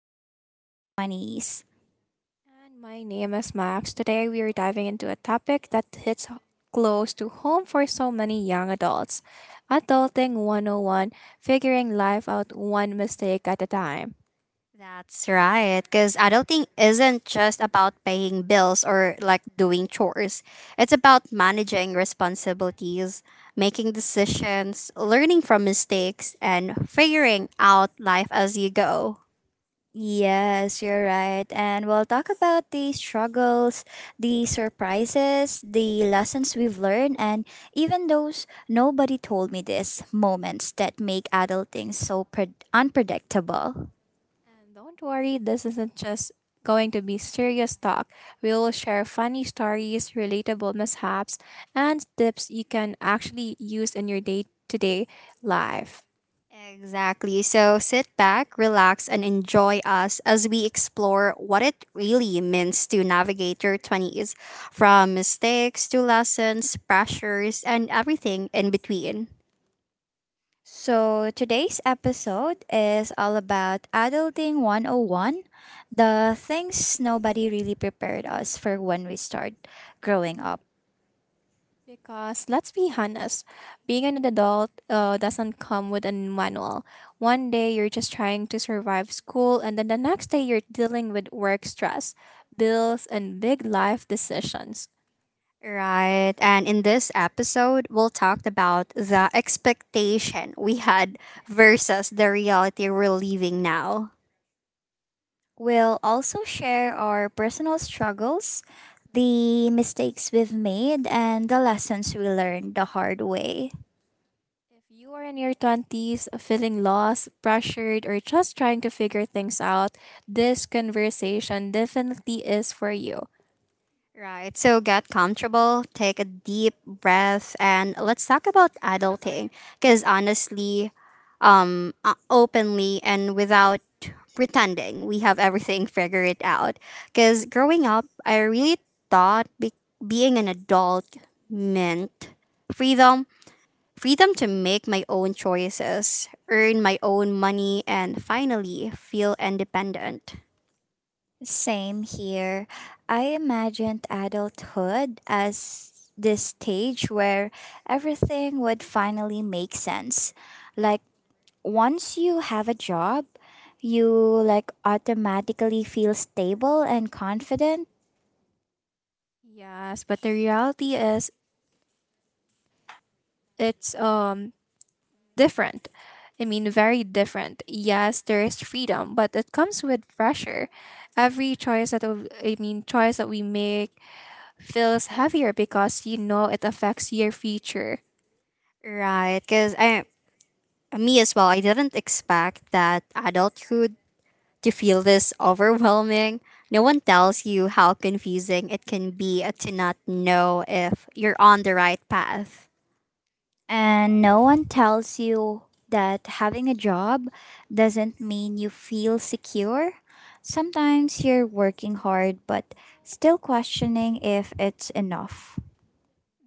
life in your 20s. And my name is Max. Today we are diving into a topic that hits close to home for so many young adults. Adulting 101, figuring life out one mistake at a time. That's right, because adulting isn't just about paying bills or like doing chores. It's about managing responsibilities, making decisions, learning from mistakes, and figuring out life as you go. Yes, you're right. And we'll talk about the struggles, the surprises, the lessons we've learned, and even those nobody told me this moments that make adulting so unpredictable. And don't worry, this isn't just going to be serious talk. We will share funny stories, relatable mishaps, and tips you can actually use in your day to day life. Exactly. So sit back, relax, and enjoy us as we explore what it really means to navigate your 20s from mistakes to lessons, pressures, and everything in between. So, today's episode is all about Adulting 101, the things nobody really prepared us for when we start growing up. Because let's be honest, being an adult doesn't come with a manual. One day you're just trying to survive school, and then the next day you're dealing with work stress, bills, and big life decisions. Right. And in this episode, we'll talk about the expectation we had versus the reality we're living now. We'll also share our personal struggles, the mistakes we've made, and the lessons we learned the hard way. If you are in your 20s feeling lost, pressured, or just trying to figure things out, this conversation definitely is for you. Right. So get comfortable, take a deep breath, and let's talk about adulting. Because honestly, openly and without pretending, we have everything figured out. Because growing up, I really thought being an adult meant freedom freedom to make my own choices, earn my own money, and finally feel independent. Same here. I imagined adulthood as this stage where everything would finally make sense. Like once you have a job, you like automatically feel stable and confident, Yes, but the reality is it's different. I mean, very different. Yes, there is freedom, but it comes with pressure. Every choice that w- I mean, choice that we make feels heavier because you know it affects your future. Right, because I me as well, I didn't expect that adulthood to feel this overwhelming. No one tells you how confusing it can be to not know if you're on the right path. and no one tells you that having a job doesn't mean you feel secure. Sometimes you're working hard but still questioning if it's enough.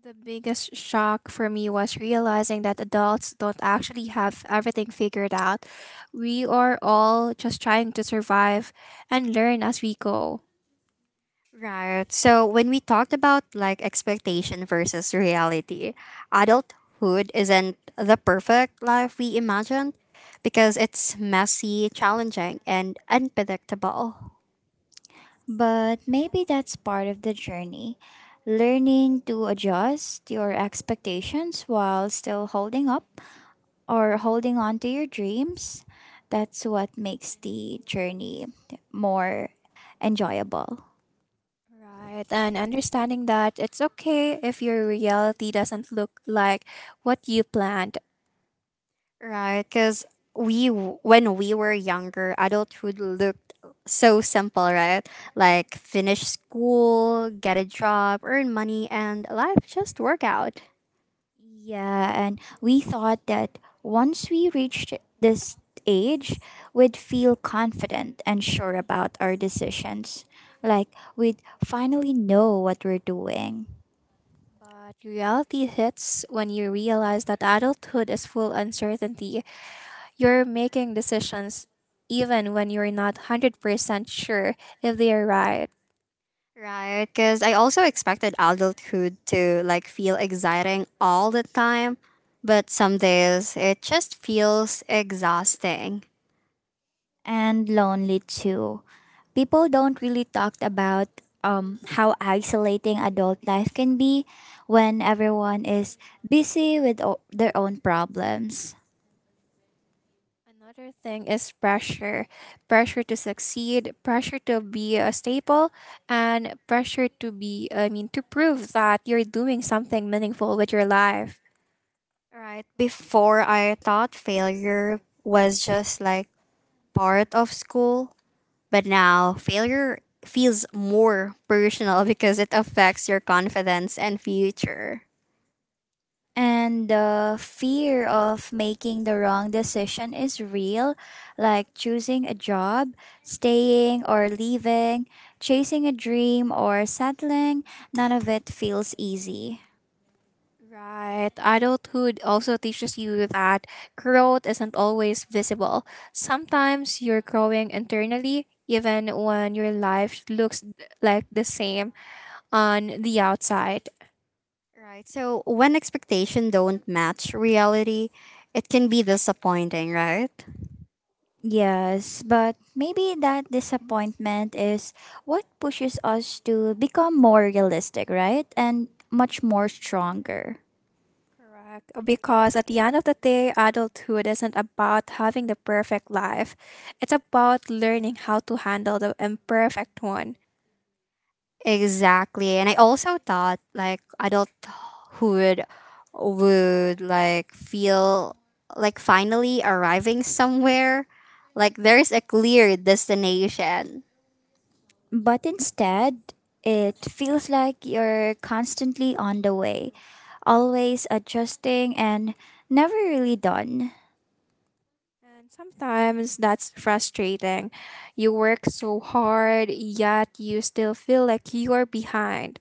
The biggest shock for me was realizing that adults don't actually have everything figured out. We are all just trying to survive and learn as we go. Right. So when we talked about like expectation versus reality, adulthood isn't the perfect life we imagined because it's messy, challenging, and unpredictable. But maybe that's part of the journey. Learning to adjust your expectations while still holding up or holding on to your dreams. That's what makes the journey more enjoyable. Right, and understanding that it's okay if your reality doesn't look like what you planned. Right, because when we were younger, adulthood looked so simple, right? Like finish school, get a job, earn money, and life just work out. Yeah, and we thought that once we reached this age, we'd feel confident and sure about our decisions. Like we'd finally know what we're doing. But reality hits when you realize that adulthood is full uncertainty. You're making decisions even when you're not 100% sure if they are right. Right, because I also expected adulthood to like feel exciting all the time, but some days it just feels exhausting. And lonely too. People don't really talk about how isolating adult life can be when everyone is busy with their own problems. Another thing is pressure, pressure to succeed, pressure to be a staple, and pressure to prove that you're doing something meaningful with your life. Right, before I thought failure was just like part of school. But now, failure feels more personal because it affects your confidence and future. And the fear of making the wrong decision is real, like choosing a job, staying or leaving, chasing a dream, or settling. None of it feels easy. Right. Adulthood also teaches you that growth isn't always visible. Sometimes you're growing internally, even when your life looks like the same on the outside. Right. So, when expectation don't match reality, it can be disappointing, right? Yes, but maybe that disappointment is what pushes us to become more realistic, right? And much more stronger. Correct. Because at the end of the day, adulthood isn't about having the perfect life, it's about learning how to handle the imperfect one. Exactly. And I also thought like adulthood would like feel like finally arriving somewhere, like there's a clear destination. But instead, it feels like you're constantly on the way, always adjusting and never really done. And sometimes that's frustrating. You work so hard, yet you still feel like you're behind.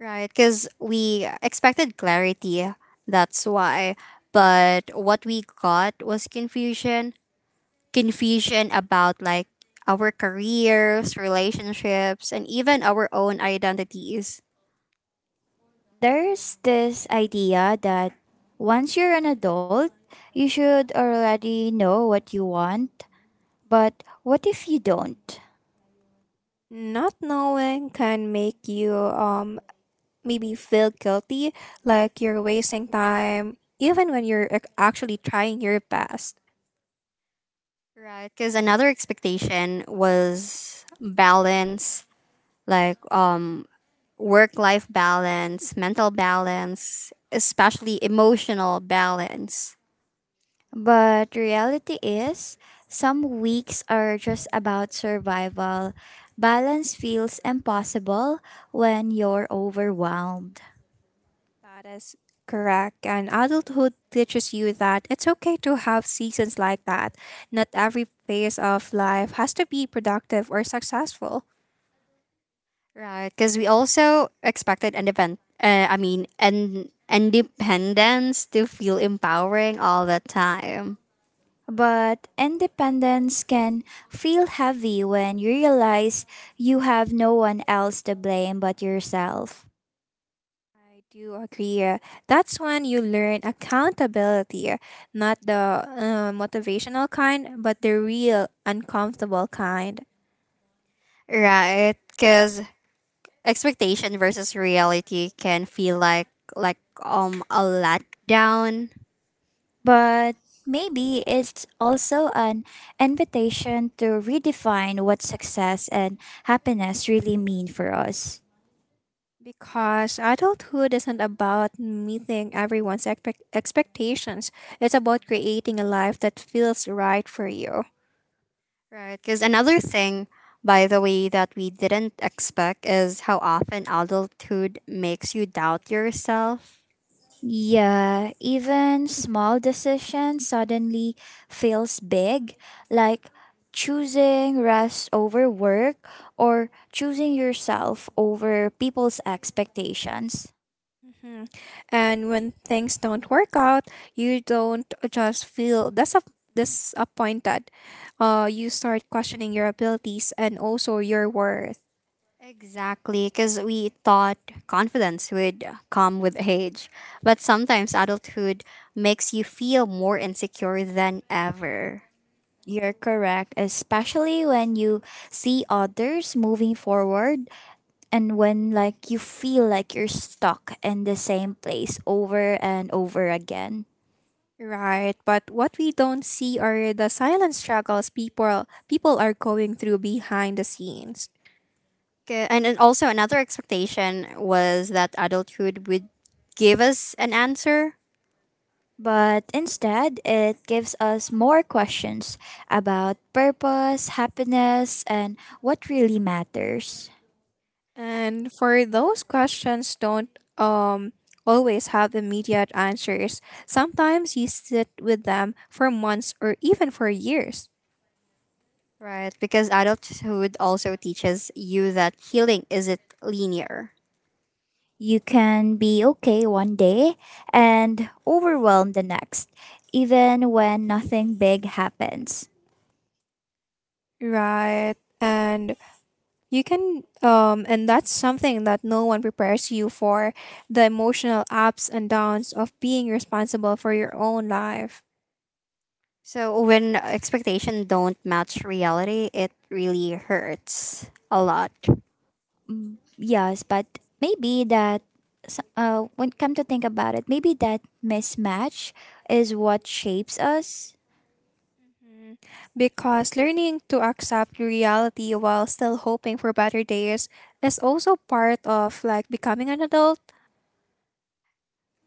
Right, because we expected clarity. That's why. But what we got was confusion. Confusion about like our careers, relationships, and even our own identities. There's this idea that once you're an adult, you should already know what you want, but what if you don't? Not knowing can make you maybe feel guilty, like you're wasting time, even when actually trying your best. Right, because another expectation was balance, like work life balance, mental balance, especially emotional balance. But reality is, some weeks are just about survival. Balance feels impossible when you're overwhelmed. That is correct. And adulthood teaches you that it's okay to have seasons like that. Not every phase of life has to be productive or successful. Right, because we also expected independent. And independence to feel empowering all the time. But independence can feel heavy when you realize you have no one else to blame but yourself. I do agree. That's when you learn accountability, not the motivational kind, but the real uncomfortable kind. Right, because expectation versus reality can feel like a letdown. But maybe it's also an invitation to redefine what success and happiness really mean for us. Because adulthood isn't about meeting expectations, it's about creating a life that feels right for you. Right, because another thing, by the way, that we didn't expect is how often adulthood makes you doubt yourself. Yeah, even small decisions suddenly feels big, like choosing rest over work or choosing yourself over people's expectations. Mhm. And when things don't work out, you don't just disappointed. You start questioning your abilities and also your worth. Exactly, because we thought confidence would come with age, but sometimes adulthood makes you feel more insecure than ever. You're correct, especially when you see others moving forward and when like you feel like you're stuck in the same place over and over again. Right, but what we don't see are the silent struggles people are going through behind the scenes. 'Kay. And also, another expectation was that adulthood would give us an answer, But instead, it gives us more questions about purpose, happiness, and what really matters. And for those questions don't um always have immediate answers. Sometimes you sit with them for months or even for years. right? Because adulthood also teaches you that healing isn't linear. You can be okay one day and overwhelmed the next, even when nothing big happens. Right. And that's something that no one prepares you for, the emotional ups and downs of being responsible for your own life. So, when expectation don't match reality, it really hurts a lot. Mm, yes, but maybe that, when come to think about it, maybe that mismatch is what shapes us. Mhm. Because learning to accept reality while still hoping for better days is also part of like becoming an adult.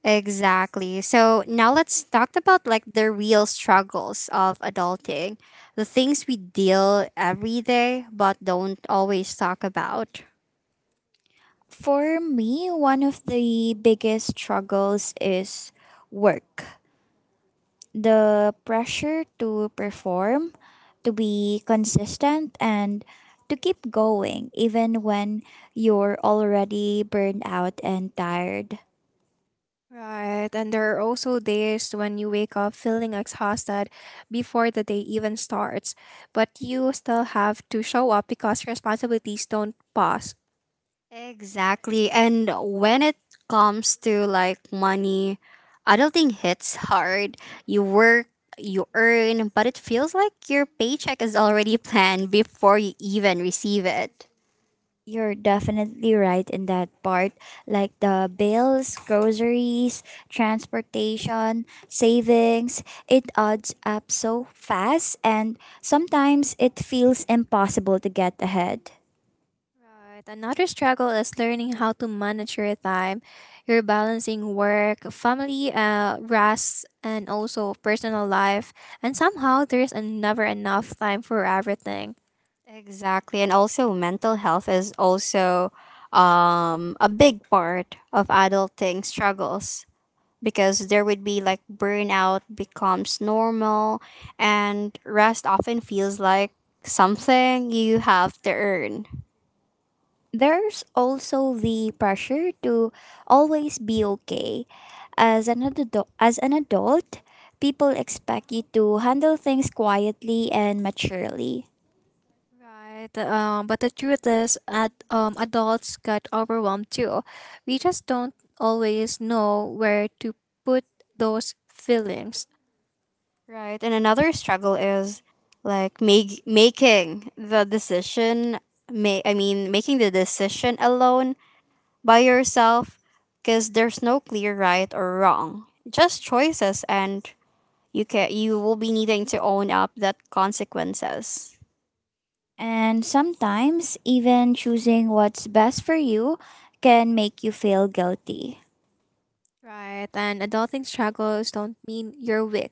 Exactly. So now let's talk about like the real struggles of adulting, the things we deal every day but don't always talk about. For me, one of the biggest struggles is work, the pressure to perform, to be consistent, and to keep going even when you're already burned out and tired. Right, and there are also days when you wake up feeling exhausted before the day even starts, but you still have to show up because responsibilities don't pause. Exactly. And when it comes to like money, adulting hits hard. You work, you earn, but it feels like your paycheck is already planned before you even receive it. You're definitely right in that part. Like the bills, groceries, transportation, savings, it adds up so fast, and sometimes it feels impossible to get ahead. Right. Another struggle is learning how to manage your time. You're balancing work, family, rest, and also personal life. And somehow there's never enough time for everything. Exactly. And also, mental health is also a big part of adulting struggles because there would be like burnout becomes normal and rest often feels like something you have to earn. There's also the pressure to always be okay. As an adult, people expect you to handle things quietly and maturely. Right. But the truth is, adults get overwhelmed too. We just don't always know where to put those feelings. Right. And another struggle is like making the decision. Making the decision alone by yourself because there's no clear right or wrong, just choices and you will be needing to own up that consequences. And sometimes even choosing what's best for you can make you feel guilty. Right. And adulting struggles don't mean you're weak.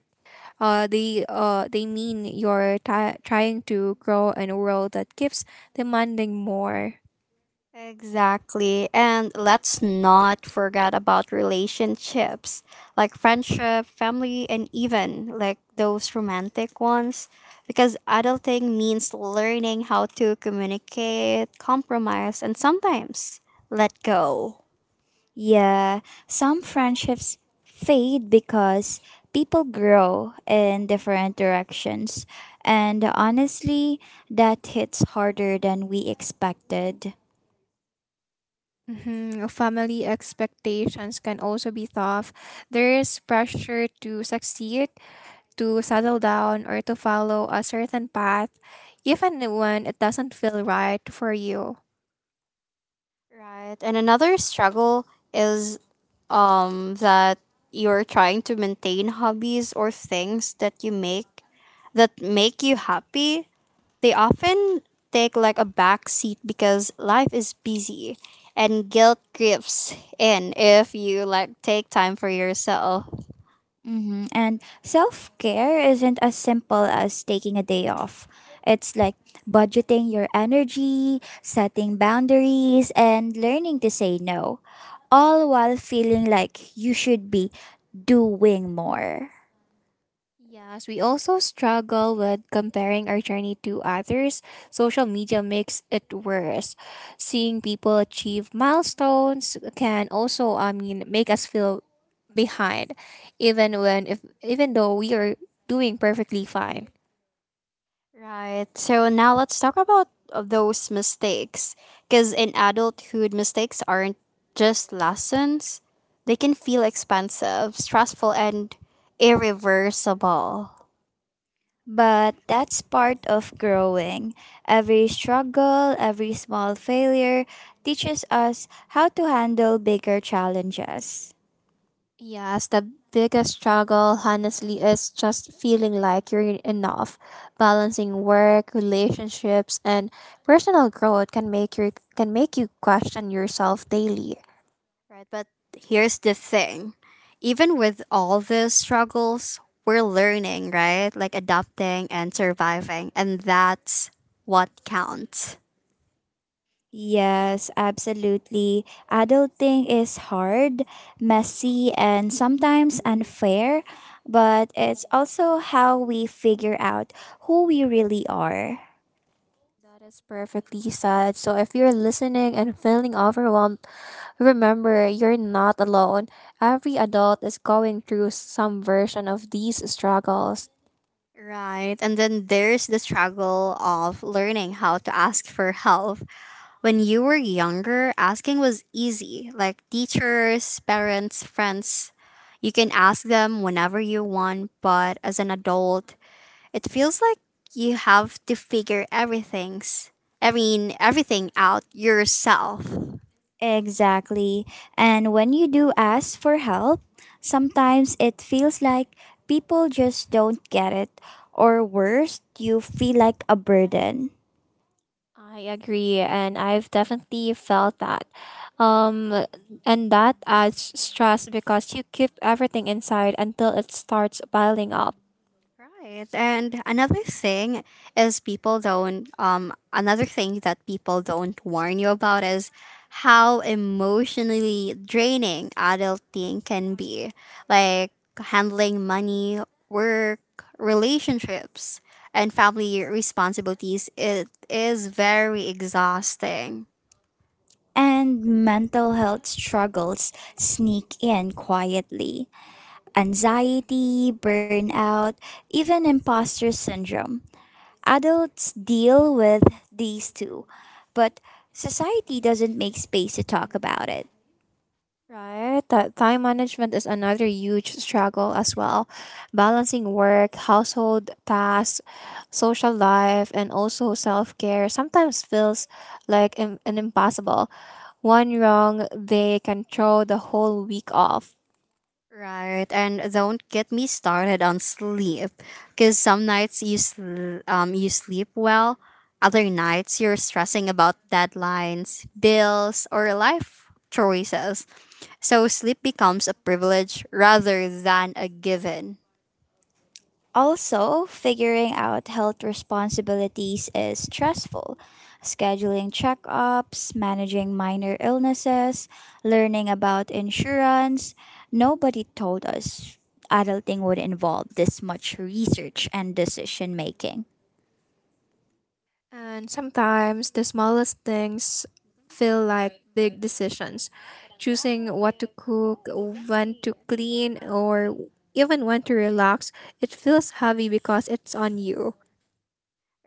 They mean you're ti trying to grow in a world that keeps demanding more. Exactly. And let's not forget about relationships like friendship, family, and even like those romantic ones. Because adulting means learning how to communicate, compromise, and sometimes let go. Yeah, some friendships fade because people grow in different directions. And honestly, that hits harder than we expected. Mhm. Family expectations can also be tough. There is pressure to succeed, to settle down, or to follow a certain path, even when it doesn't feel right for you. Right. And another struggle is that you're trying to maintain hobbies or things that you make that make you happy. They often take like a back seat because life is busy and guilt creeps in if you like take time for yourself. Mm-hmm. And self care isn't as simple as taking a day off. It's like budgeting your energy, setting boundaries, and learning to say no, all while feeling like you should be doing more. Yes, we also struggle with comparing our journey to others. Social media makes it worse. Seeing people achieve milestones can also make us feel behind, even when if even though we are doing perfectly fine. Right. So now let's talk about those mistakes. Because in adulthood, mistakes aren't just lessons, they can feel expensive, stressful, and irreversible. But that's part of growing. Every struggle, every small failure teaches us how to handle bigger challenges. Yes, the biggest struggle, honestly, is just feeling like you're enough. Balancing work, relationships, and personal growth can make you question yourself daily. Right. But here's the thing even with all the struggles, we're learning, right? Like adapting and surviving. And that's what counts. Yes, absolutely. Adulting is hard, messy, and sometimes unfair, but it's also how we figure out who we really are. That is perfectly said. So if you're listening and feeling overwhelmed, remember you're not alone. Every adult is going through some version of these struggles. Right. And then there's the struggle of learning how to ask for help. When you were younger, asking was easy. Like teachers, parents, friends, you can ask them whenever you want, but as an adult, it feels like you have to figure everything out yourself. Exactly. And when you do ask for help, sometimes it feels like people just don't get it, or worse, you feel like a burden. I agree, and I've definitely felt that. Um, and that adds stress because you keep everything inside until it starts piling up. Right. And another thing is people don't another thing that people don't warn you about is how emotionally draining adulting can be. Like handling money, work, relationships, and family responsibilities. It is very exhausting. And mental health struggles sneak in quietly. Anxiety, burnout, even imposter syndrome. Adults deal with these too, but society doesn't make space to talk about it. Right, that time management is another huge struggle as well. Balancing work, household tasks, social life, and also self care sometimes feels like an impossible. One wrong, they can throw the whole week off. Right, and don't get me started on sleep, because some nights you sleep well, other nights you're stressing about deadlines, bills, or life choices. So sleep becomes a privilege rather than a given. Also, figuring out health responsibilities is stressful. Scheduling checkups, managing minor illnesses, learning about insurance. Nobody told us adulting would involve this much research and decision making. And sometimes the smallest things feel like big decisions. Choosing what to cook, when to clean, or even when to relax, it feels heavy because it's on you.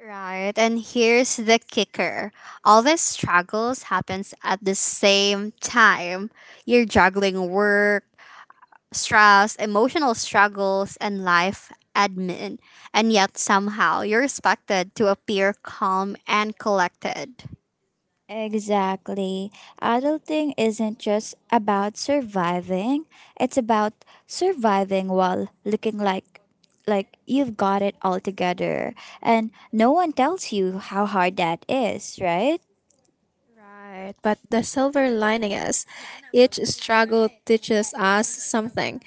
Right, and here's the kicker. All these struggles happens at the same time. You're juggling work, stress, emotional struggles, and life admin, and yet somehow you're expected to appear calm and collected. Exactly. Adulting isn't just about surviving, it's about surviving while looking like you've got it all together. And no one tells you how hard that is, right? Right, but the silver lining is each struggle teaches us something.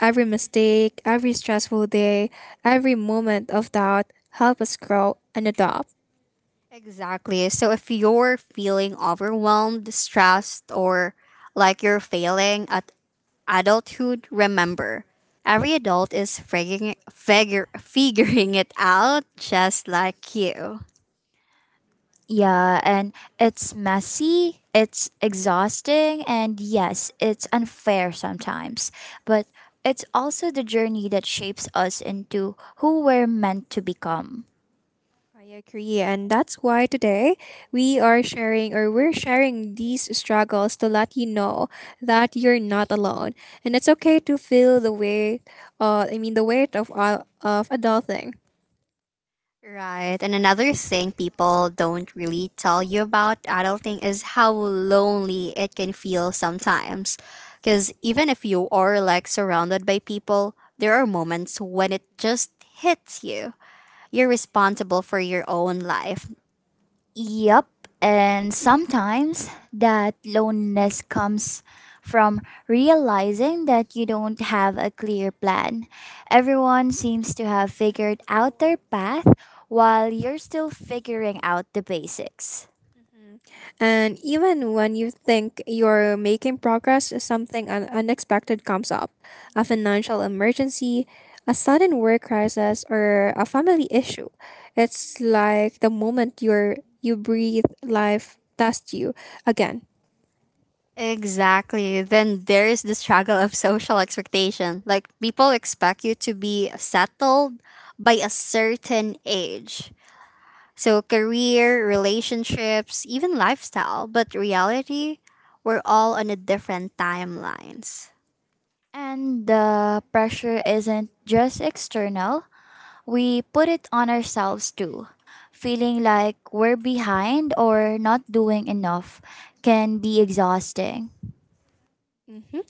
Every mistake, every stressful day, every moment of doubt help us grow and adopt. Exactly. So if you're feeling overwhelmed, stressed, or like you're failing at adulthood, remember every adult is figuring it out just like you. Yeah, and it's messy, it's exhausting, and yes, it's unfair sometimes. But it's also the journey that shapes us into who we're meant to become. I agree, and that's why today we're sharing these struggles to let you know that you're not alone, and it's okay to feel the weight. The weight of all of adulting. Right. And another thing people don't really tell you about adulting is how lonely it can feel sometimes. Because even if you are like surrounded by people, there are moments when it just hits you. You're responsible for your own life. Yep, and sometimes that loneliness comes from realizing that you don't have a clear plan. Everyone seems to have figured out their path while you're still figuring out the basics. And even when you think you're making progress, something unexpected comes up, a financial emergency, a sudden work crisis, or a family issue. It's like the moment you breathe, life tests you again. Exactly. Then there's the struggle of social expectation. Like people expect you to be settled by a certain age. So, career, relationships, even lifestyle, but reality, we're all on a different timelines. And the pressure isn't just external, we put it on ourselves too. Feeling like we're behind or not doing enough can be exhausting. Mhm.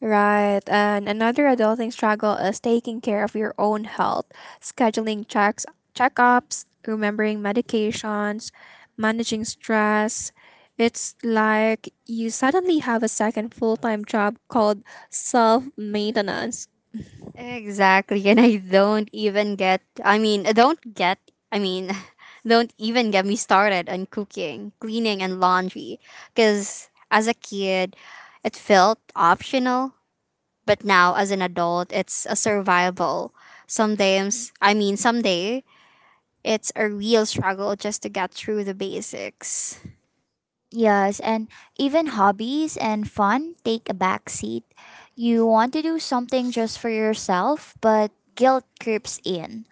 Right. And another adulting struggle is taking care of your own health, scheduling checks, checkups, remembering medications, managing stress. It's like you suddenly have a second full time job called self maintenance. Exactly, and I don't I mean, don't even get me started on cooking, cleaning, and laundry. Because as a kid, it felt optional, but now as an adult, it's a survival. Someday, it's a real struggle just to get through the basics. Yes, and even hobbies and fun take a back seat. You want to do something just for yourself, but guilt creeps in.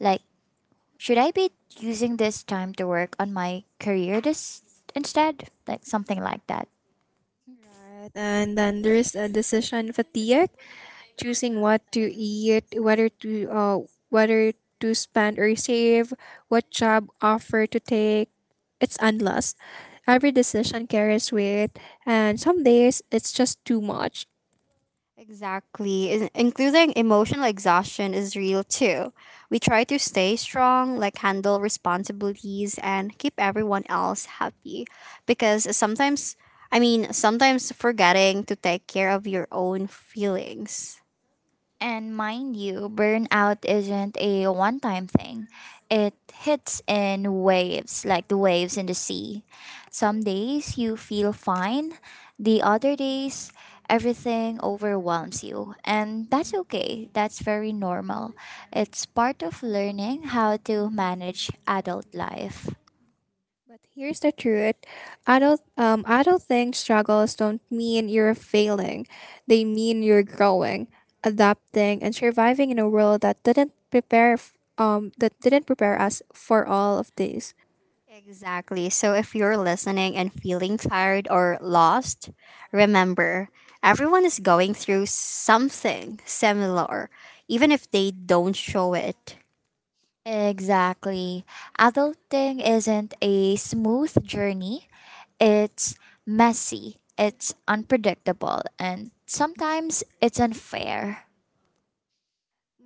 Like, should I be using this time to work on my career this instead? Like something like that. Right. And then there's a decision fatigue, choosing what to eat, whether to spend or save, what job offer to take. It's endless. Every decision carries weight, and some days it's just too much. Exactly. Including emotional exhaustion is real too. We try to stay strong, like handle responsibilities and keep everyone else happy. Because sometimes forgetting to take care of your own feelings. And mind you, burnout isn't a one time thing. It hits in waves, like the waves in the sea. Some days you feel fine, the other days everything overwhelms you. And that's okay, that's very normal. It's part of learning how to manage adult life. But here's the truth: adulting struggles don't mean you're failing; they mean you're growing, adapting, and surviving in a world that didn't prepare us for all of this. Exactly. So if you're listening and feeling tired or lost, remember everyone is going through something similar, even if they don't show it. Exactly. Adulting isn't a smooth journey. It's messy, it's unpredictable, and sometimes it's unfair.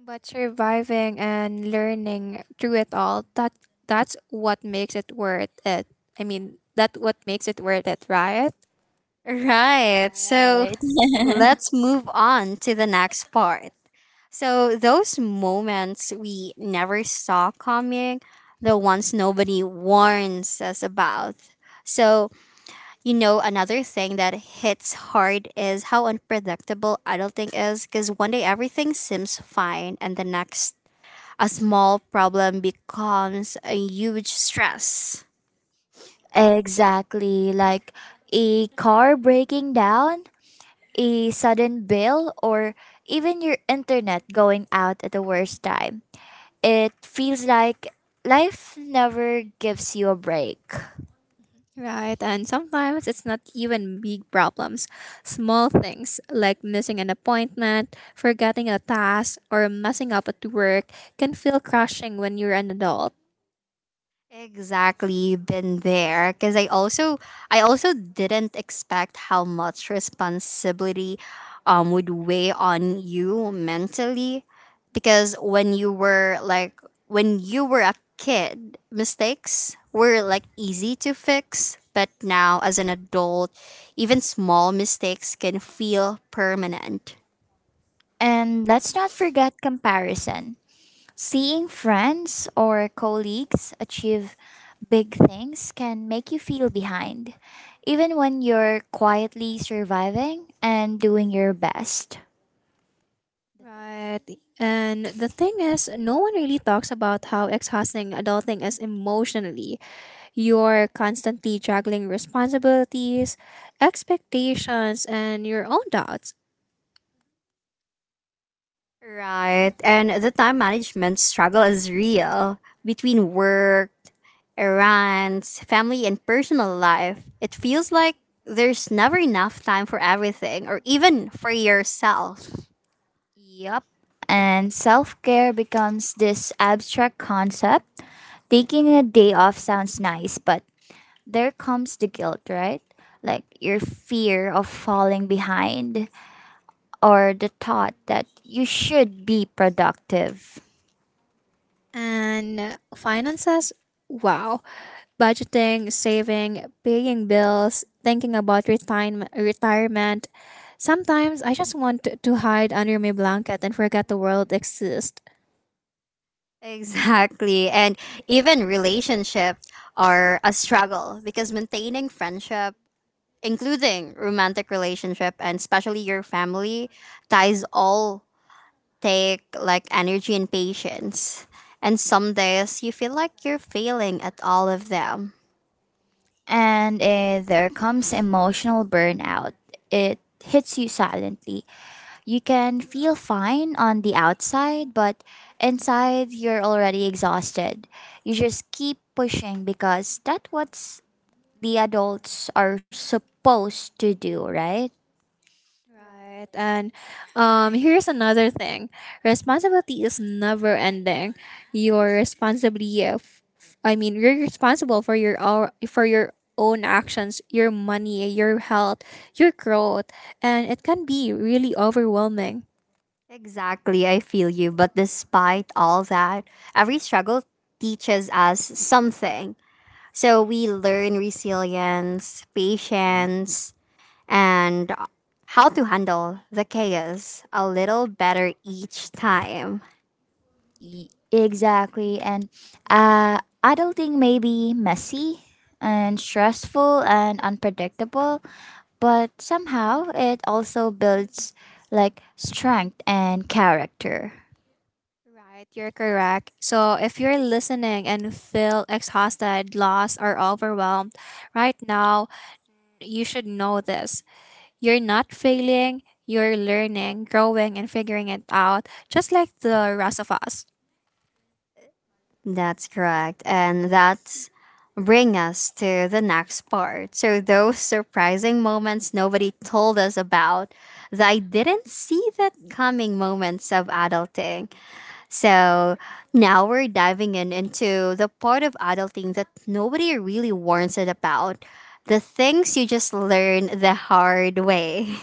But surviving and learning through it all, that that's what makes it worth it. That what makes it worth it, right? Right. So Right. let's move on to the next part. So, those moments we never saw coming, the ones nobody warns us about. So, you know, another thing that hits hard is how unpredictable adulting is because one day everything seems fine, and the next, a small problem becomes a huge stress. Exactly, like a car breaking down, a sudden bill, or even your internet going out at the worst time. It feels like life never gives you a break. Right, and sometimes it's not even big problems. Small things like missing an appointment, forgetting a task, or messing up at work can feel crushing when you're an adult. Exactly, been there, because I also didn't expect how much responsibility would weigh on you mentally because when you were a kid mistakes were like easy to fix but now as an adult even small mistakes can feel permanent. And let's not forget comparison. Seeing friends or colleagues achieve big things can make you feel behind, even when you're quietly surviving and doing your best. Right. And the thing is, no one really talks about how exhausting adulting is emotionally. You're constantly juggling responsibilities, expectations, and your own doubts. Right. And the time management struggle is real between work, errands, family, and personal life, it feels like there's never enough time for everything or even for yourself. Yup. And self care becomes this abstract concept. Taking a day off sounds nice, but there comes the guilt, right? Like your fear of falling behind or the thought that you should be productive. And finances, wow. Budgeting, saving, paying bills, thinking about retirement. Sometimes I just want to hide under my blanket and forget the world exists. Exactly. And even relationships are a struggle because maintaining friendship, including romantic relationship and especially your family, ties all take like energy and patience. And some days you feel like you're failing at all of them. And there comes emotional burnout. It hits you silently. You can feel fine on the outside, but inside you're already exhausted. You just keep pushing because that's what the adults are supposed to do, right? Right. And here's another thing, responsibility is never ending. You're responsibly, f- f- I mean, you're responsible for your own actions, your money, your health, your growth. And it can be really overwhelming. Exactly, I feel you. But despite all that, every struggle teaches us something. So we learn resilience, patience, and how to handle the chaos a little better each time. Exactly. And adulting may be messy and stressful and unpredictable, but somehow it also builds like strength and character. Right, you're correct. So if you're listening and feel exhausted, lost, or overwhelmed right now, you should know this. You're not failing, you're learning, growing, and figuring it out, just like the rest of us. That's correct. And that's bring us to the next part. So those surprising moments nobody told us about, that I didn't see that coming moments of adulting. So now we're diving in into the part of adulting that nobody really warns it about. The things you just learn the hard way.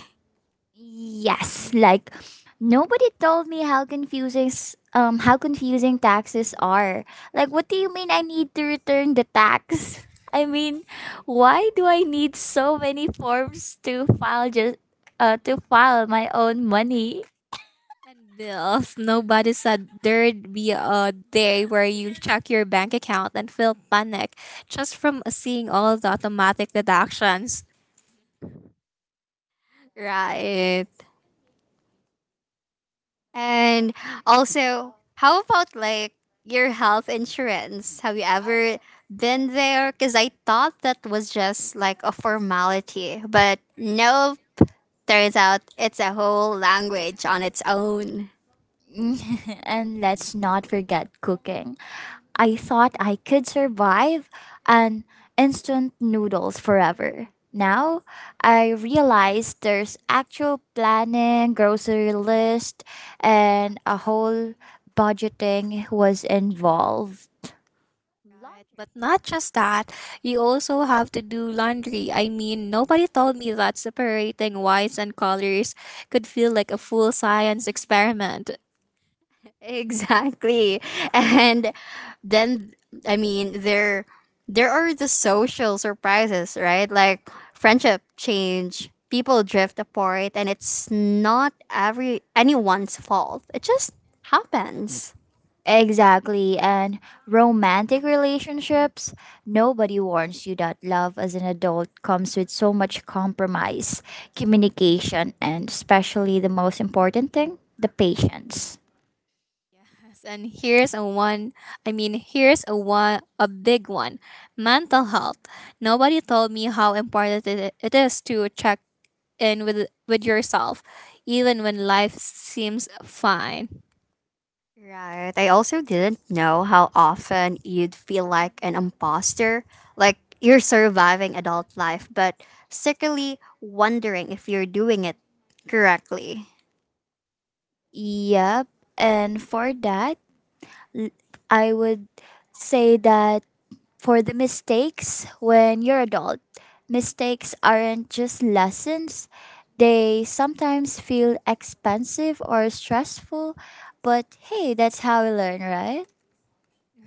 Yes, like nobody told me how confusing how confusing taxes are. Like what do you mean I need to return the tax? I mean, why do I need so many forms to file just to file my own money? And bills, nobody said there'd be a day where you check your bank account and feel panic just from seeing all the automatic deductions. Right. And also, how about like your health insurance? Have you ever been there? Because I thought that was just like a formality, but no, turns out it's a whole language on its own. And let's not forget cooking. I thought I could survive on instant noodles forever. Now, I realize there's actual planning, grocery list, and a whole budgeting was involved. Right, but not just that, you also have to do laundry. I mean, nobody told me that separating whites and colors could feel like a full science experiment. Exactly. And then I mean there there are the social surprises, right? Like friendship change, people drift apart and it's not every anyone's fault. It just happens. Exactly, and romantic relationships, nobody warns you that love as an adult comes with so much compromise, communication, and especially the most important thing, the patience. Yes. And here's a one, a big one, mental health. Nobody told me how important it is to check in with yourself, even when life seems fine. Right. I also didn't know how often you'd feel like an imposter, like you're surviving adult life but secretly wondering if you're doing it correctly. Yep. And for that, l- I would say that for the mistakes when you're adult, mistakes aren't just lessons. They sometimes feel expensive or stressful, but hey, that's how we learn, right?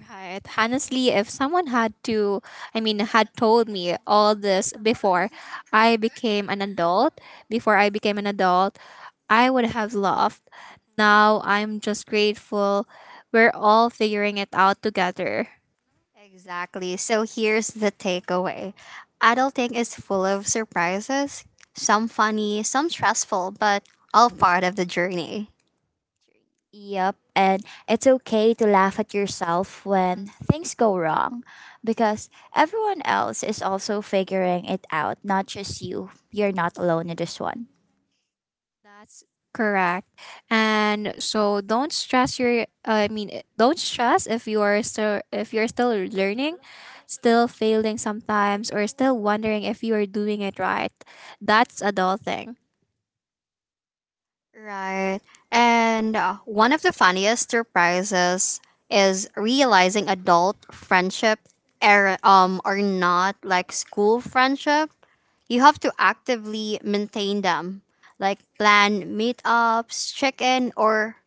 Right. Honestly, if someone had to, I mean, had told me all this I became an adult, before I became an adult, I would have laughed. Now I'm just grateful we're all figuring it out together. Exactly. So here's the takeaway adulting is full of surprises, some funny, some stressful, but all part of the journey. Yep. And it's okay to laugh at yourself when things go wrong because everyone else is also figuring it out, not just you. You're not alone in this one. That's correct. And so don't stress your I mean, don't stress if you are still if you're still learning, still failing sometimes or still wondering if you are doing it right. That's adulting. Right. And one of the funniest surprises is realizing adult friendship are not like school friendship. You have to actively maintain them, like plan meetups, check in, or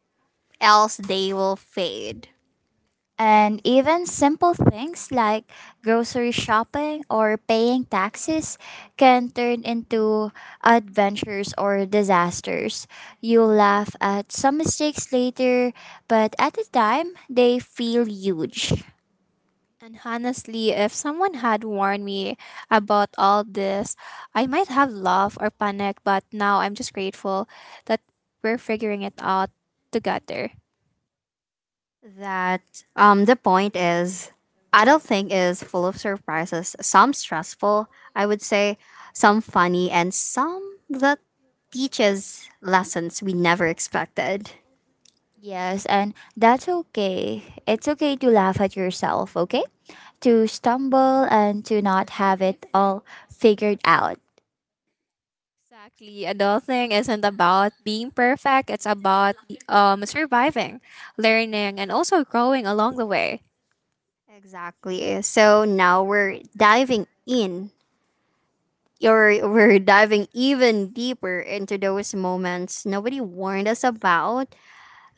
else they will fade. And even simple things like grocery shopping or paying taxes can turn into adventures or disasters. You'll laugh at some mistakes later, but at the time, they feel huge. And honestly, if someone had warned me about all this, I might have laughed or panicked, but now I'm just grateful that we're figuring it out together. That the point is adulting is full of surprises some stressful I would say some funny and some that teaches lessons we never expected. Yes, and that's okay. It's okay to laugh at yourself, okay? To stumble and to not have it all figured out. Exactly. Adulting isn't about being perfect, it's about surviving, learning, and also growing along the way. Exactly. So now we're diving even deeper into those moments nobody warned us about,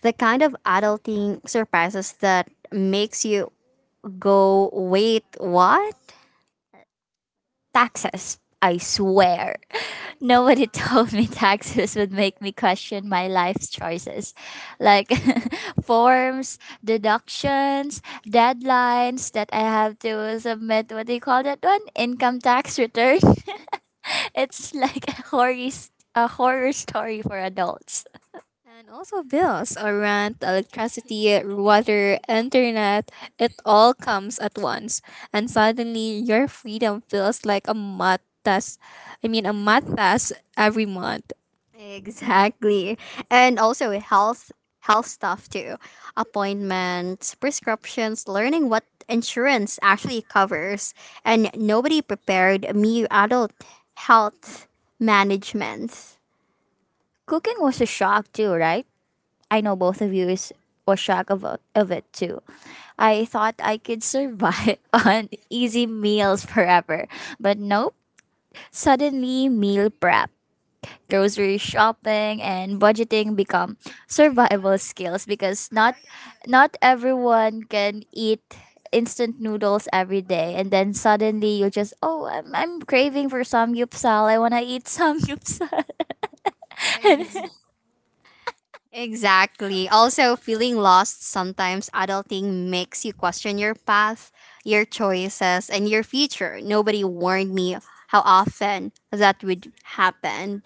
the kind of adulting surprises that makes you go wait what. Taxes. I swear. Nobody told me taxes would make me question my life's choices. Like forms, deductions, deadlines that I have to submit. What do you call that one? Income tax return. It's like a horror, a horror story for adults. And also bills, or rent, electricity, water, internet, it all comes at once. And suddenly your freedom feels like a math test. I mean a math test every month. Exactly. And also health health stuff too. Appointments, prescriptions, learning what insurance actually covers. And nobody prepared me adult health management. Cooking was a shock too, right? I know both of you is was shocked about of it too. I thought I could survive on easy meals forever. But nope, suddenly meal prep, grocery shopping and budgeting become survival skills because not everyone can eat instant noodles every day and then suddenly you just oh I'm craving for samgyeopsal. I want to eat samgyeopsal. Ex- Exactly. Also, feeling lost sometimes, adulting makes you question your path, your choices, and your future. Nobody warned me how often that would happen.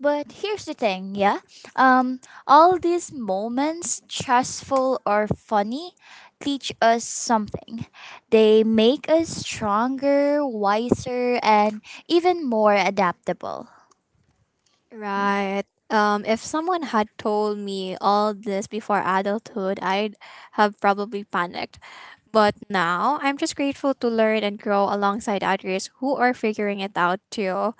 But here's the thing, yeah? Um, all these moments, stressful or funny, teach us something. They make us stronger, wiser, and even more adaptable. Right. If someone had told me all this before adulthood, I'd have probably panicked. But now I'm just grateful to learn and grow alongside others who are figuring it out too.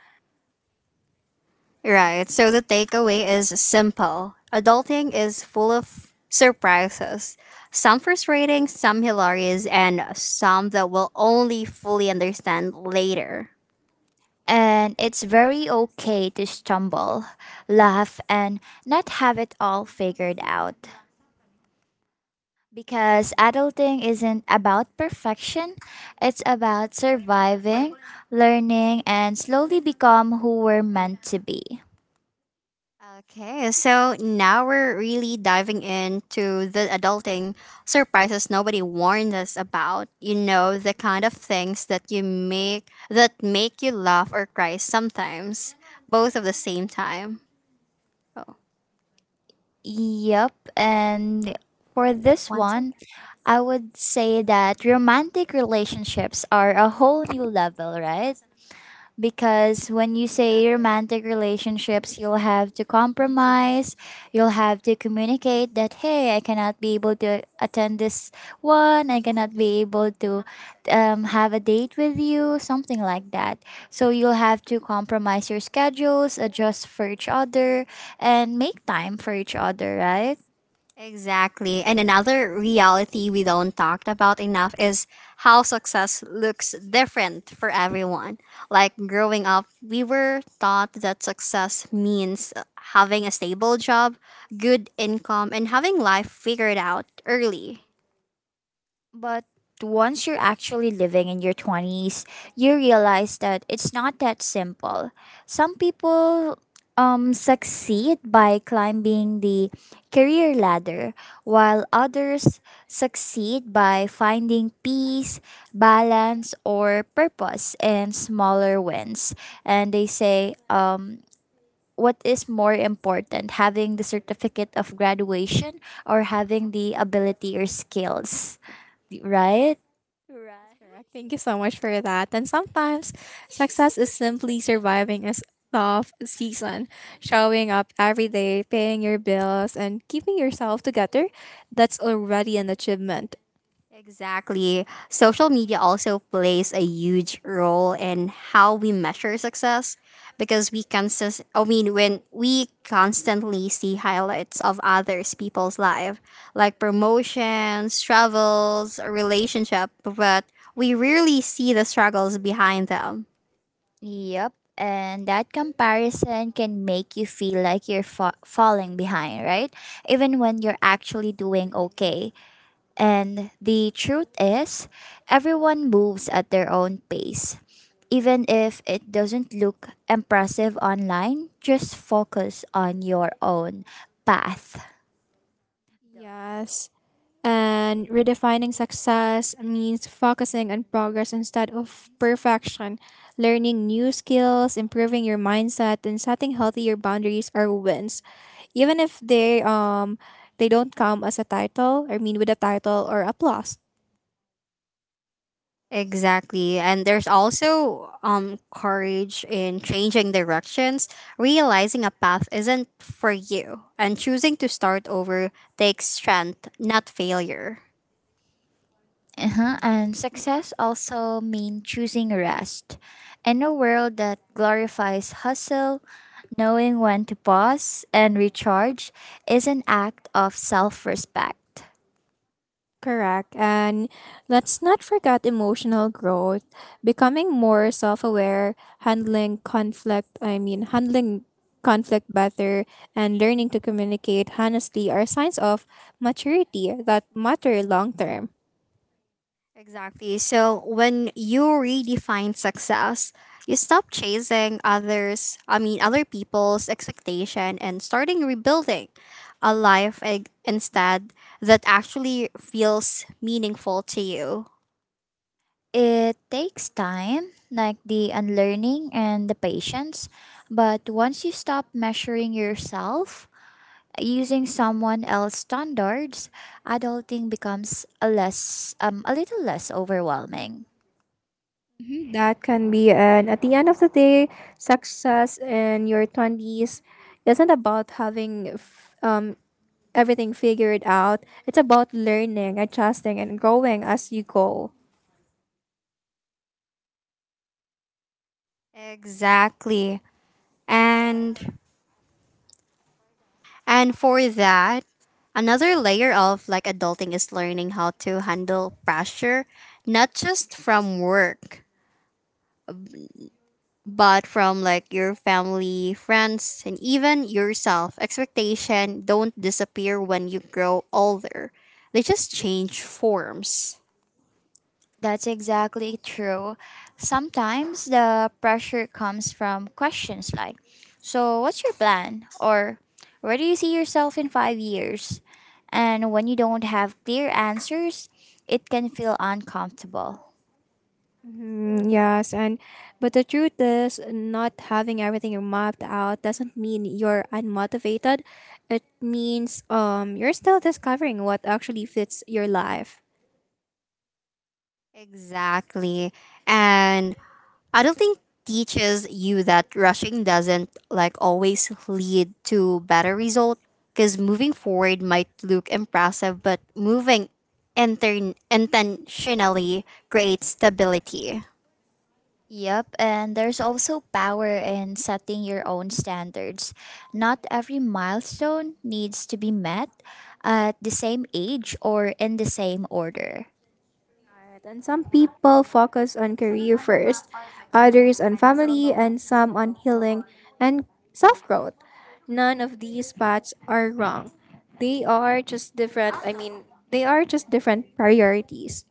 Right. So the takeaway is simple. Adulting is full of surprises. Some frustrating, some hilarious, and some that we'll only fully understand later. And it's very okay to stumble, laugh, and not have it all figured out. Because adulting isn't about perfection, it's about surviving, learning, and slowly become who we're meant to be. Okay, so now we're really diving into the adulting surprises nobody warned us about. You know, the kind of things that you make that make you laugh or cry sometimes, both at the same time. Oh, Yep. And for this one second. one, I would say that romantic relationships are a whole new level, right? Because when you say romantic relationships, you'll have to compromise, you'll have to communicate that, hey, I cannot be able to attend this one, I cannot be able to have a date with you, something like that. So you'll have to compromise your schedules, adjust for each other, and make time for each other, right? Exactly. And another reality we don't talk about enough is how success looks different for everyone. Like growing up, we were taught that success means having a stable job, good income, and having life figured out early. But once you're actually living in your 20s, you realize that it's not that simple. Some people succeed by climbing the career ladder, while others succeed by finding peace, balance, or purpose in smaller wins. And they say, what is more important, having the certificate of graduation or having the ability or skills, right? Right. Correct. Thank you so much for that. And sometimes success is simply surviving as tough season, showing up every day, paying your bills, and keeping yourself together. That's already an achievement. Exactly. Social media also plays a huge role in how we measure success because we consist I mean when we constantly see highlights of others people's life like promotions, travels, relationship, but we rarely see the struggles behind them. Yep. And that comparison can make you feel like you're falling behind, right? Even when you're actually doing okay. And the truth is, everyone moves at their own pace. Even if it doesn't look impressive online, just focus on your own path. Yes. And redefining success means focusing on progress instead of perfection. Learning new skills, improving your mindset, and setting healthier boundaries are wins. Even if they don't come as a title, I mean with a title or applause. Exactly. And there's also courage in changing directions, realizing a path isn't for you and choosing to start over takes strength, not failure. Uh-huh. And success also means choosing rest. In a world that glorifies hustle, knowing when to pause and recharge is an act of self respect. Correct. And let's not forget emotional growth, becoming more self aware, handling conflict better, and learning to communicate honestly are signs of maturity that matter long term. Exactly. So when you redefine success, you stop chasing others, I mean other people's expectation and starting rebuilding a life instead that actually feels meaningful to you. It takes time, like the unlearning and the patience, but once you stop measuring yourself using someone else's standards, adulting becomes a less a little less overwhelming. Mhm, that can be, and at the end of the day, success in your 20s isn't about having everything figured out, it's about learning, adjusting, and growing as you go. Exactly. And And for that, another layer of like adulting is learning how to handle pressure, not just from work, but from like your family, friends, and even yourself. Expectation don't disappear when you grow older. They just change forms. That's exactly true. Sometimes the pressure comes from questions like, so, what's your plan? Or, where do you see yourself in 5 years? And when you don't have clear answers, it can feel uncomfortable. Mhm, yes, and but the truth is, not having everything mapped out doesn't mean you're unmotivated. It means you're still discovering what actually fits your life. Exactly. And I don't think teaches you that rushing doesn't like always lead to better result, because moving forward might look impressive but moving intentionally creates stability. Yep, and there's also power in setting your own standards. Not every milestone needs to be met at the same age or in the same order. Right, and some people focus on career first, others on family, and some on healing and self growth. None of these paths are wrong. They are just different priorities.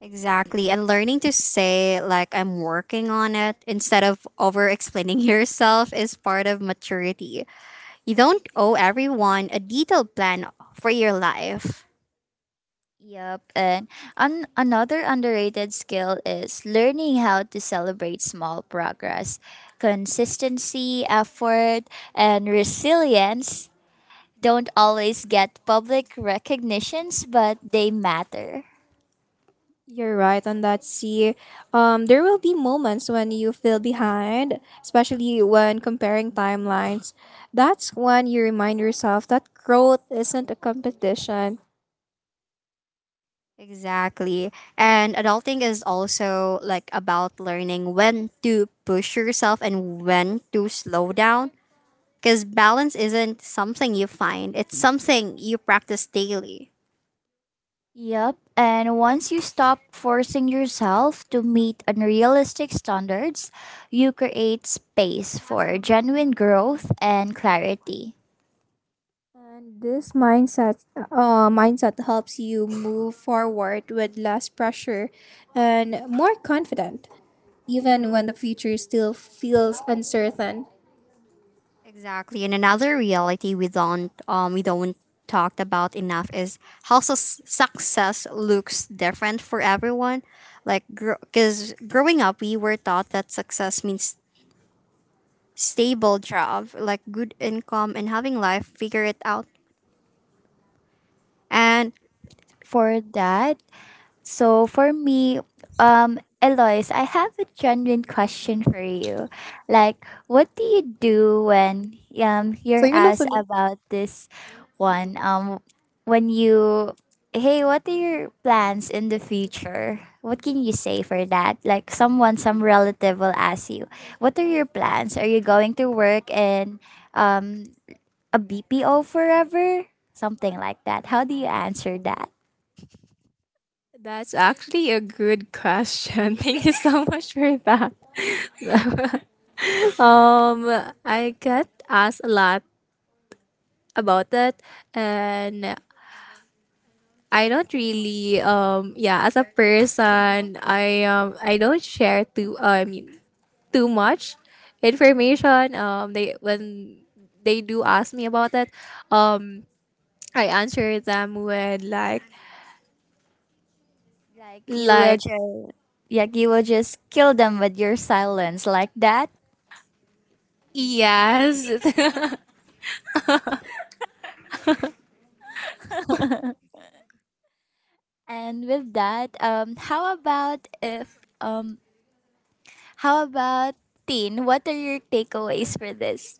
Exactly. And learning to say like I'm working on it instead of over explaining yourself is part of maturity. You don't owe everyone a detailed plan for your life. Yep, and another underrated skill is learning how to celebrate small progress. Consistency, effort, and resilience don't always get public recognitions, but they matter. You're right on that. See, there will be moments when you feel behind, especially when comparing timelines. That's when you remind yourself that growth isn't a competition. Exactly. And adulting is also like about learning when to push yourself and when to slow down because balance isn't something you find, it's something you practice daily. Yep, and once you stop forcing yourself to meet unrealistic standards, you create space for genuine growth and clarity. And this mindset helps you move forward with less pressure and more confident, even when the future still feels uncertain. Exactly. And another reality we don't talked about enough is how sus success looks different for everyone. Like because growing up we were taught that success means stable job, like good income and having life figure it out. And For that, so for me, Eloise, I have a genuine question for you. Like, what do you do when So you're yun ang asked sunod. about this one? When you, hey, what are your plans in the future? What can you say for that? Like, someone, some relative will ask you, what are your plans? Are you going to work in um a BPO forever? Something like that. How do you answer that? That's actually a good question. Thank you so much for that. Um, I get asked a lot about that, and I don't really yeah as a person I don't share too I mean too much information. They when they do ask me about that, um, I answer them with Like you will like just like you will just kill them with your silence like that. yes And with that, how about if how about Teen, what are your takeaways for this?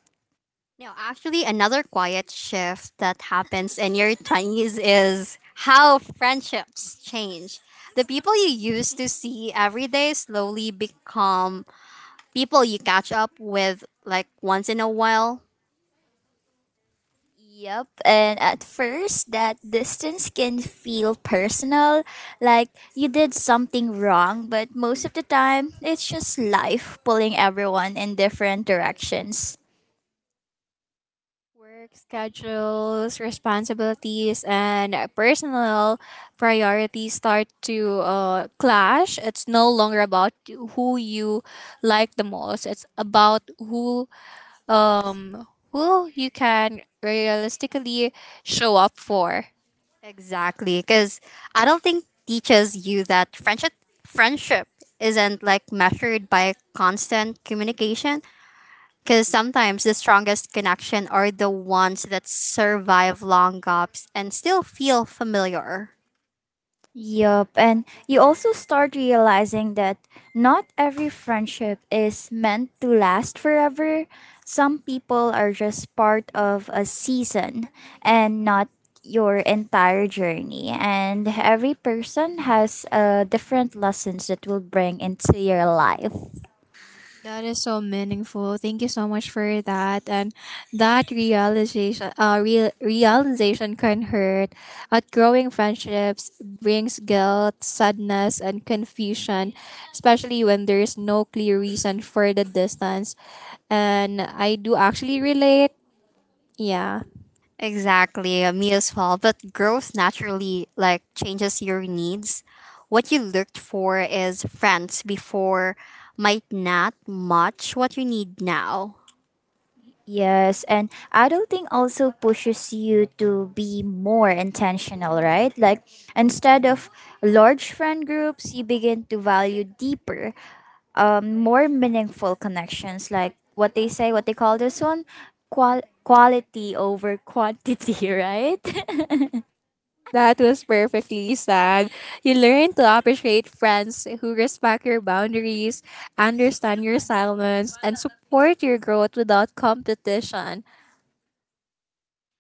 no, actually, another quiet shift that happens in your 20s is how friendships change. The people you used to see every day slowly become people you catch up with like once in a while. Yep, and at first that distance can feel personal, like you did something wrong, but most of the time it's just life pulling everyone in different directions. Work schedules, responsibilities, and personal priorities start to clash. It's no longer about who you like the most. It's about um who you can realistically show up for. Exactly, because I don't think teaches you that friendship isn't like measured by constant communication. Because sometimes the strongest connection are the ones that survive long gaps and still feel familiar. Yup, and you also start realizing that not every friendship is meant to last forever. Some people are just part of a season and not your entire journey. And every person has different lessons that will bring into your life. That is so meaningful. Thank you so much for that. And that realization can hurt. Outgrowing friendships brings guilt, sadness, and confusion, especially when there is no clear reason for the distance. And I do actually relate. Yeah. Exactly, me as well. But growth naturally like changes your needs. What you looked for is friends before might not match what you need now. Yes, and adulting also pushes you to be more intentional, right? Like instead of large friend groups, you begin to value deeper, more meaningful connections. Like what they say, what they call this one, quality over quantity, right? That was perfectly said. You learn to appreciate friends who respect your boundaries, understand your silence, and support your growth without competition.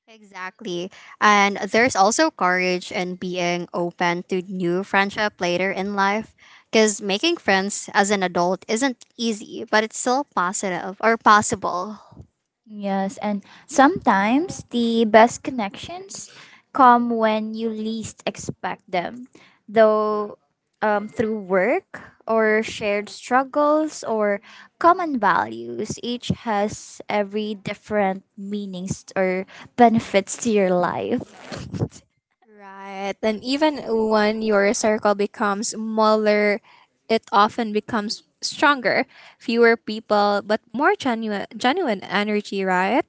Exactly. And there's also courage in being open to new friendship later in life because making friends as an adult isn't easy, but it's still positive or possible. Yes, and sometimes the best connections come when you least expect them, though through work or shared struggles or common values, each has every different meanings or benefits to your life. Right. And even when your circle becomes smaller, it often becomes stronger. Fewer people, but more genuine, genuine energy, right?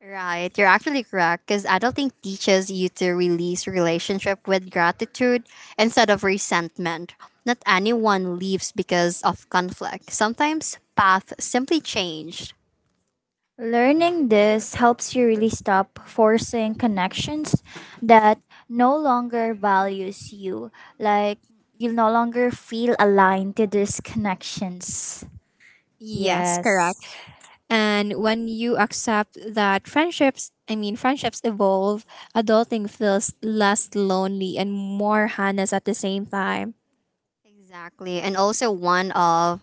Right, you're actually correct because adulting teaches you to release relationship with gratitude instead of resentment. Not anyone leaves because of conflict. Sometimes paths simply change. Learning this helps you really stop forcing connections that no longer values you. Like you no longer feel aligned to these connections. Yes, correct. Yes. And when you accept that friendships evolve, adulting feels less lonely and more honest at the same time. Exactly. And also one of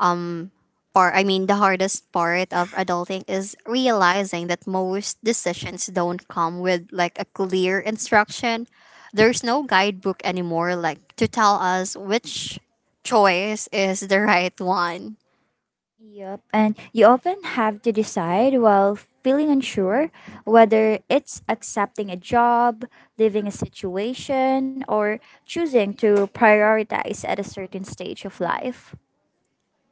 um or I mean the hardest part of adulting is realizing that most decisions don't come with like a clear instruction. There's no guidebook anymore like to tell us which choice is the right one. Yep. And you often have to decide while feeling unsure whether it's accepting a job, leaving a situation, or choosing to prioritize at a certain stage of life.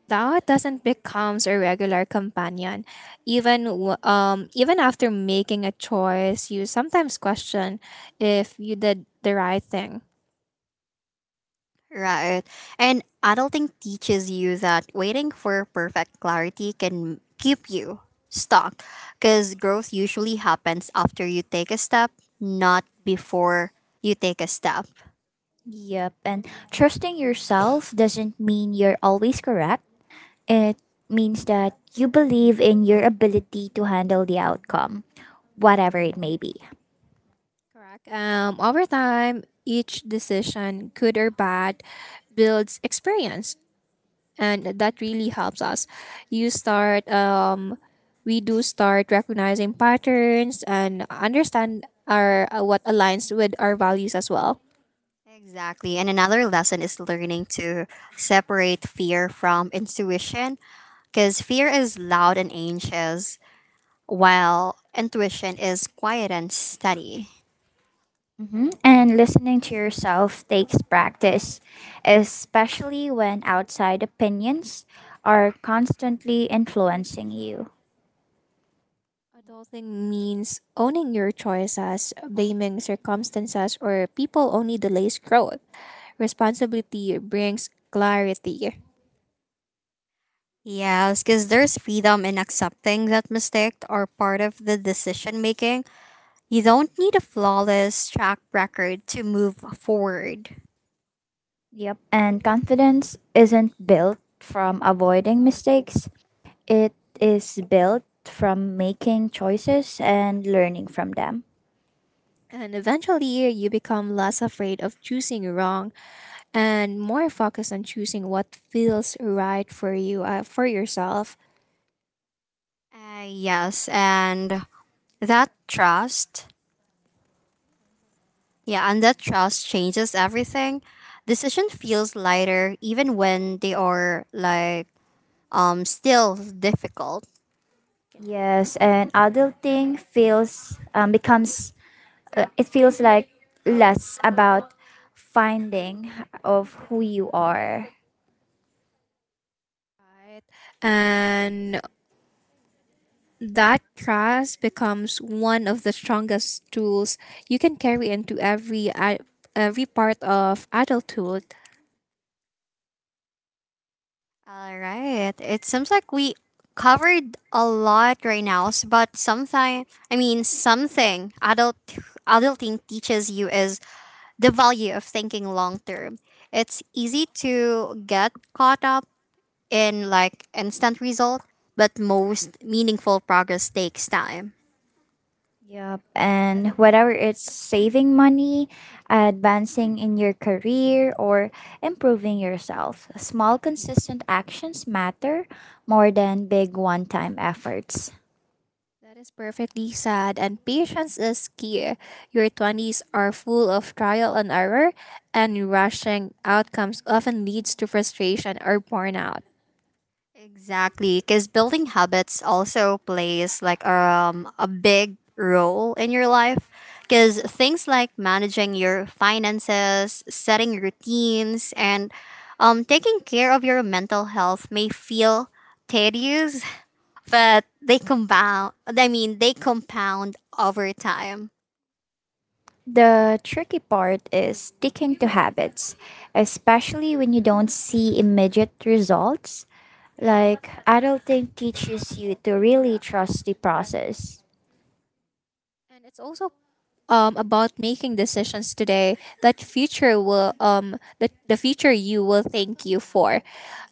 Doubt doesn't becomes a regular companion. Even even after making a choice, you sometimes question if you did the right thing. Right. And adulting teaches you that waiting for perfect clarity can keep you stuck because growth usually happens after you take a step, not before you take a step. Yep, and trusting yourself doesn't mean you're always correct. It means that you believe in your ability to handle the outcome, whatever it may be. Correct. Over time, each decision, good or bad, builds experience and that really helps us you start we do start recognizing patterns and understand our what aligns with our values as well. Exactly. And another lesson is learning to separate fear from intuition because fear is loud and anxious, while intuition is quiet and steady. Hmm. And listening to yourself takes practice, especially when outside opinions are constantly influencing you. Adulting means owning your choices, blaming circumstances or people only delays growth. Responsibility brings clarity, Yes, because there's freedom in accepting that mistakes are part of the decision making. You don't need a flawless track record to move forward. Yep, and confidence isn't built from avoiding mistakes, it is built from making choices and learning from them. and eventually you become less afraid of choosing wrong and more focused on choosing what feels right for you for yourself. Yes, and that trust, that trust changes everything. Decision feels lighter even when they are like still difficult. Yes, and adulting feels becomes, it feels like less about finding of who you are. Right. And that trust becomes one of the strongest tools you can carry into every part of adulthood. All right. It seems like we covered a lot right now, but something I mean something adult adulting teaches you is the value of thinking long term. It's easy to get caught up in like instant result, but most meaningful progress takes time. Yep, and whether it's saving money, advancing in your career, or improving yourself, small consistent actions matter more than big one-time efforts. That is perfectly sad and patience is key. Your 20s are full of trial and error and rushing outcomes often leads to frustration or burnout. Exactly, because building habits also plays like a big role in your life. Because things like managing your finances, setting routines, and taking care of your mental health may feel tedious, but they compound over time. The tricky part is sticking to habits, especially when you don't see immediate results. Like, adulting teaches you to really trust the process. And it's also about making decisions today that future will that the future you will thank you for,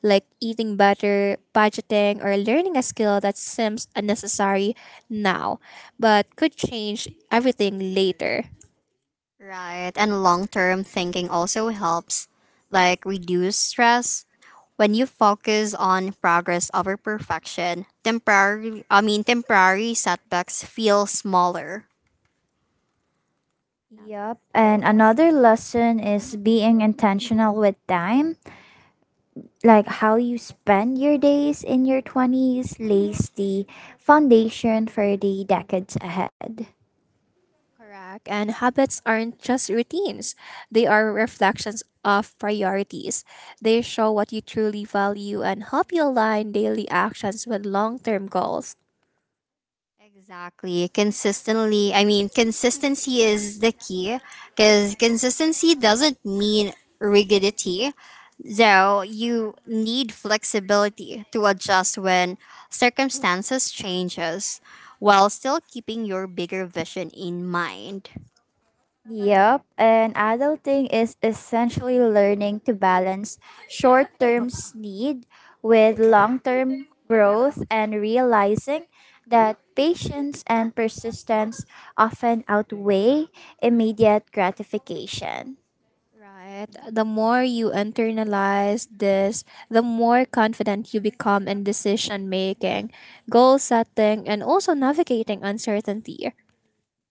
like eating better, budgeting, or learning a skill that seems unnecessary now but could change everything later. Right. And long term thinking also helps, like reduce stress. When you focus on progress over perfection, temporary I mean temporary setbacks feel smaller. Another. Yep. And another lesson is being intentional with time. Like how you spend your days in your 20s lays the foundation for the decades ahead. Correct. And habits aren't just routines, they are reflections of priorities. They show what you truly value and help you align daily actions with long term goals. Exactly. Consistency is the key because consistency doesn't mean rigidity. Though you need flexibility to adjust when circumstances changes while still keeping your bigger vision in mind. Yep, and adulting is essentially learning to balance short term need with long term growth and realizing that patience and persistence often outweigh immediate gratification. Right. The more you internalize this, the more confident you become in decision making, goal setting, and also navigating uncertainty.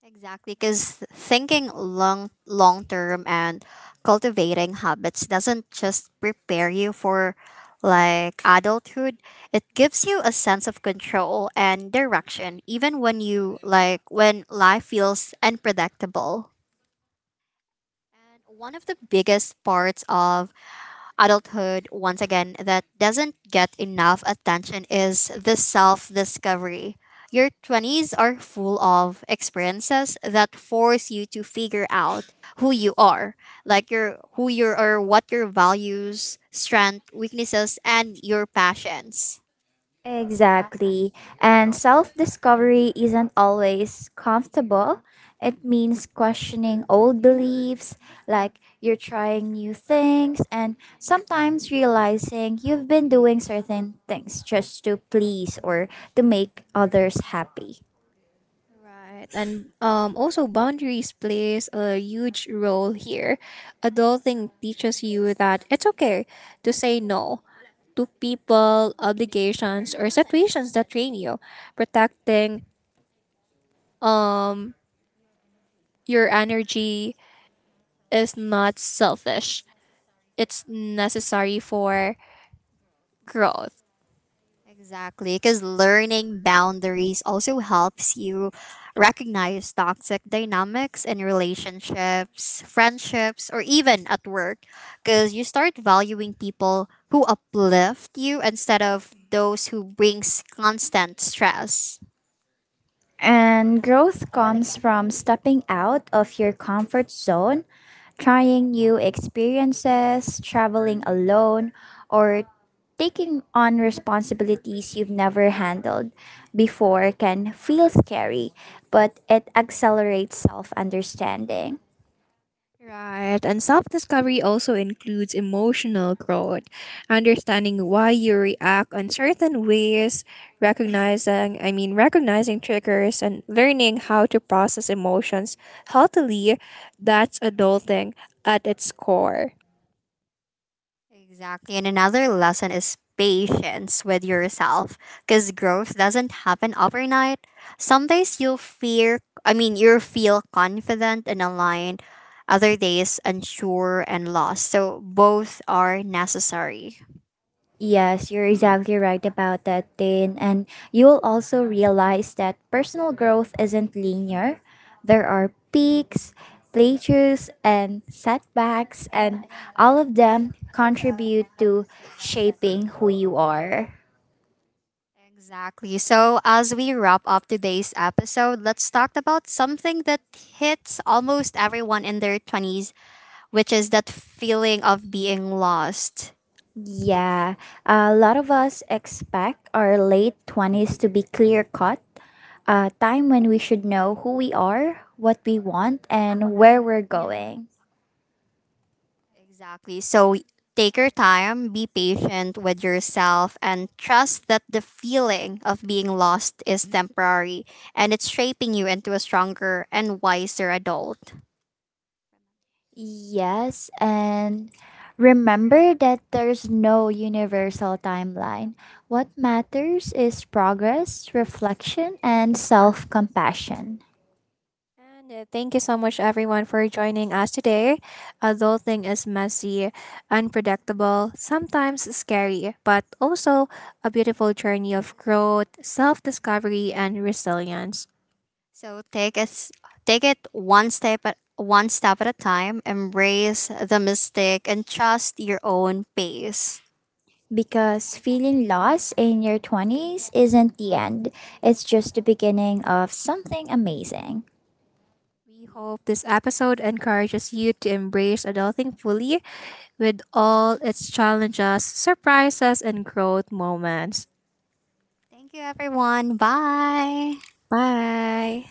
Exactly, because thinking long term and cultivating habits doesn't just prepare you for like adulthood. It gives you a sense of control and direction, even when you like when life feels unpredictable. And one of the biggest parts of adulthood, once again, that doesn't get enough attention is the self discovery. Your 20s are full of experiences that force you to figure out who you are, like your who you are, what your values, strength, weaknesses, and your passions. Exactly. And self discovery isn't always comfortable. It means questioning old beliefs, like you're trying new things, and sometimes realizing you've been doing certain things just to please or to make others happy. Right. And also, boundaries plays a huge role here. Adulting teaches you that it's okay to say no to people, obligations, or situations that drain you. Protecting um your energy is not selfish. It's necessary for growth. Exactly, because learning boundaries also helps you recognize toxic dynamics in relationships, friendships, or even at work. Because you start valuing people who uplift you instead of those who brings constant stress. And growth comes from stepping out of your comfort zone, trying new experiences, traveling alone, or taking on responsibilities you've never handled before can feel scary, but it accelerates self understanding. Right, and self discovery also includes emotional growth, understanding why you react on certain ways, recognizing triggers, and learning how to process emotions healthily. That's adulting at its core. Exactly. And another lesson is patience with yourself because growth doesn't happen overnight. Some days you'll fear, I mean, you'll feel confident and aligned, other days unsure and lost. So both are necessary. Yes, you're exactly right about that, Tin. And you'll also realize that personal growth isn't linear. There are peaks, plateaus, and setbacks, and all of them contribute to shaping who you are. Exactly. So, as we wrap up today's episode, let's talk about something that hits almost everyone in their 20s, which is that feeling of being lost. Yeah, a lot of us expect our late 20s to be clear cut, a time when we should know who we are, what we want, and where we're going. Exactly. So take your time, be patient with yourself, and trust that the feeling of being lost is temporary and it's shaping you into a stronger and wiser adult. Yes, and remember that there's no universal timeline. What matters is progress, reflection, and self compassion. And thank you so much, everyone, for joining us today. Adulting is messy, unpredictable, sometimes scary, but also a beautiful journey of growth, self discovery, and resilience. So take it one step at a time, embrace the mistake and trust your own pace. Because feeling lost in your 20s isn't the end, it's just the beginning of something amazing. We hope this episode encourages you to embrace adulting fully with all its challenges, surprises, and growth moments. Thank you everyone. Bye. Bye.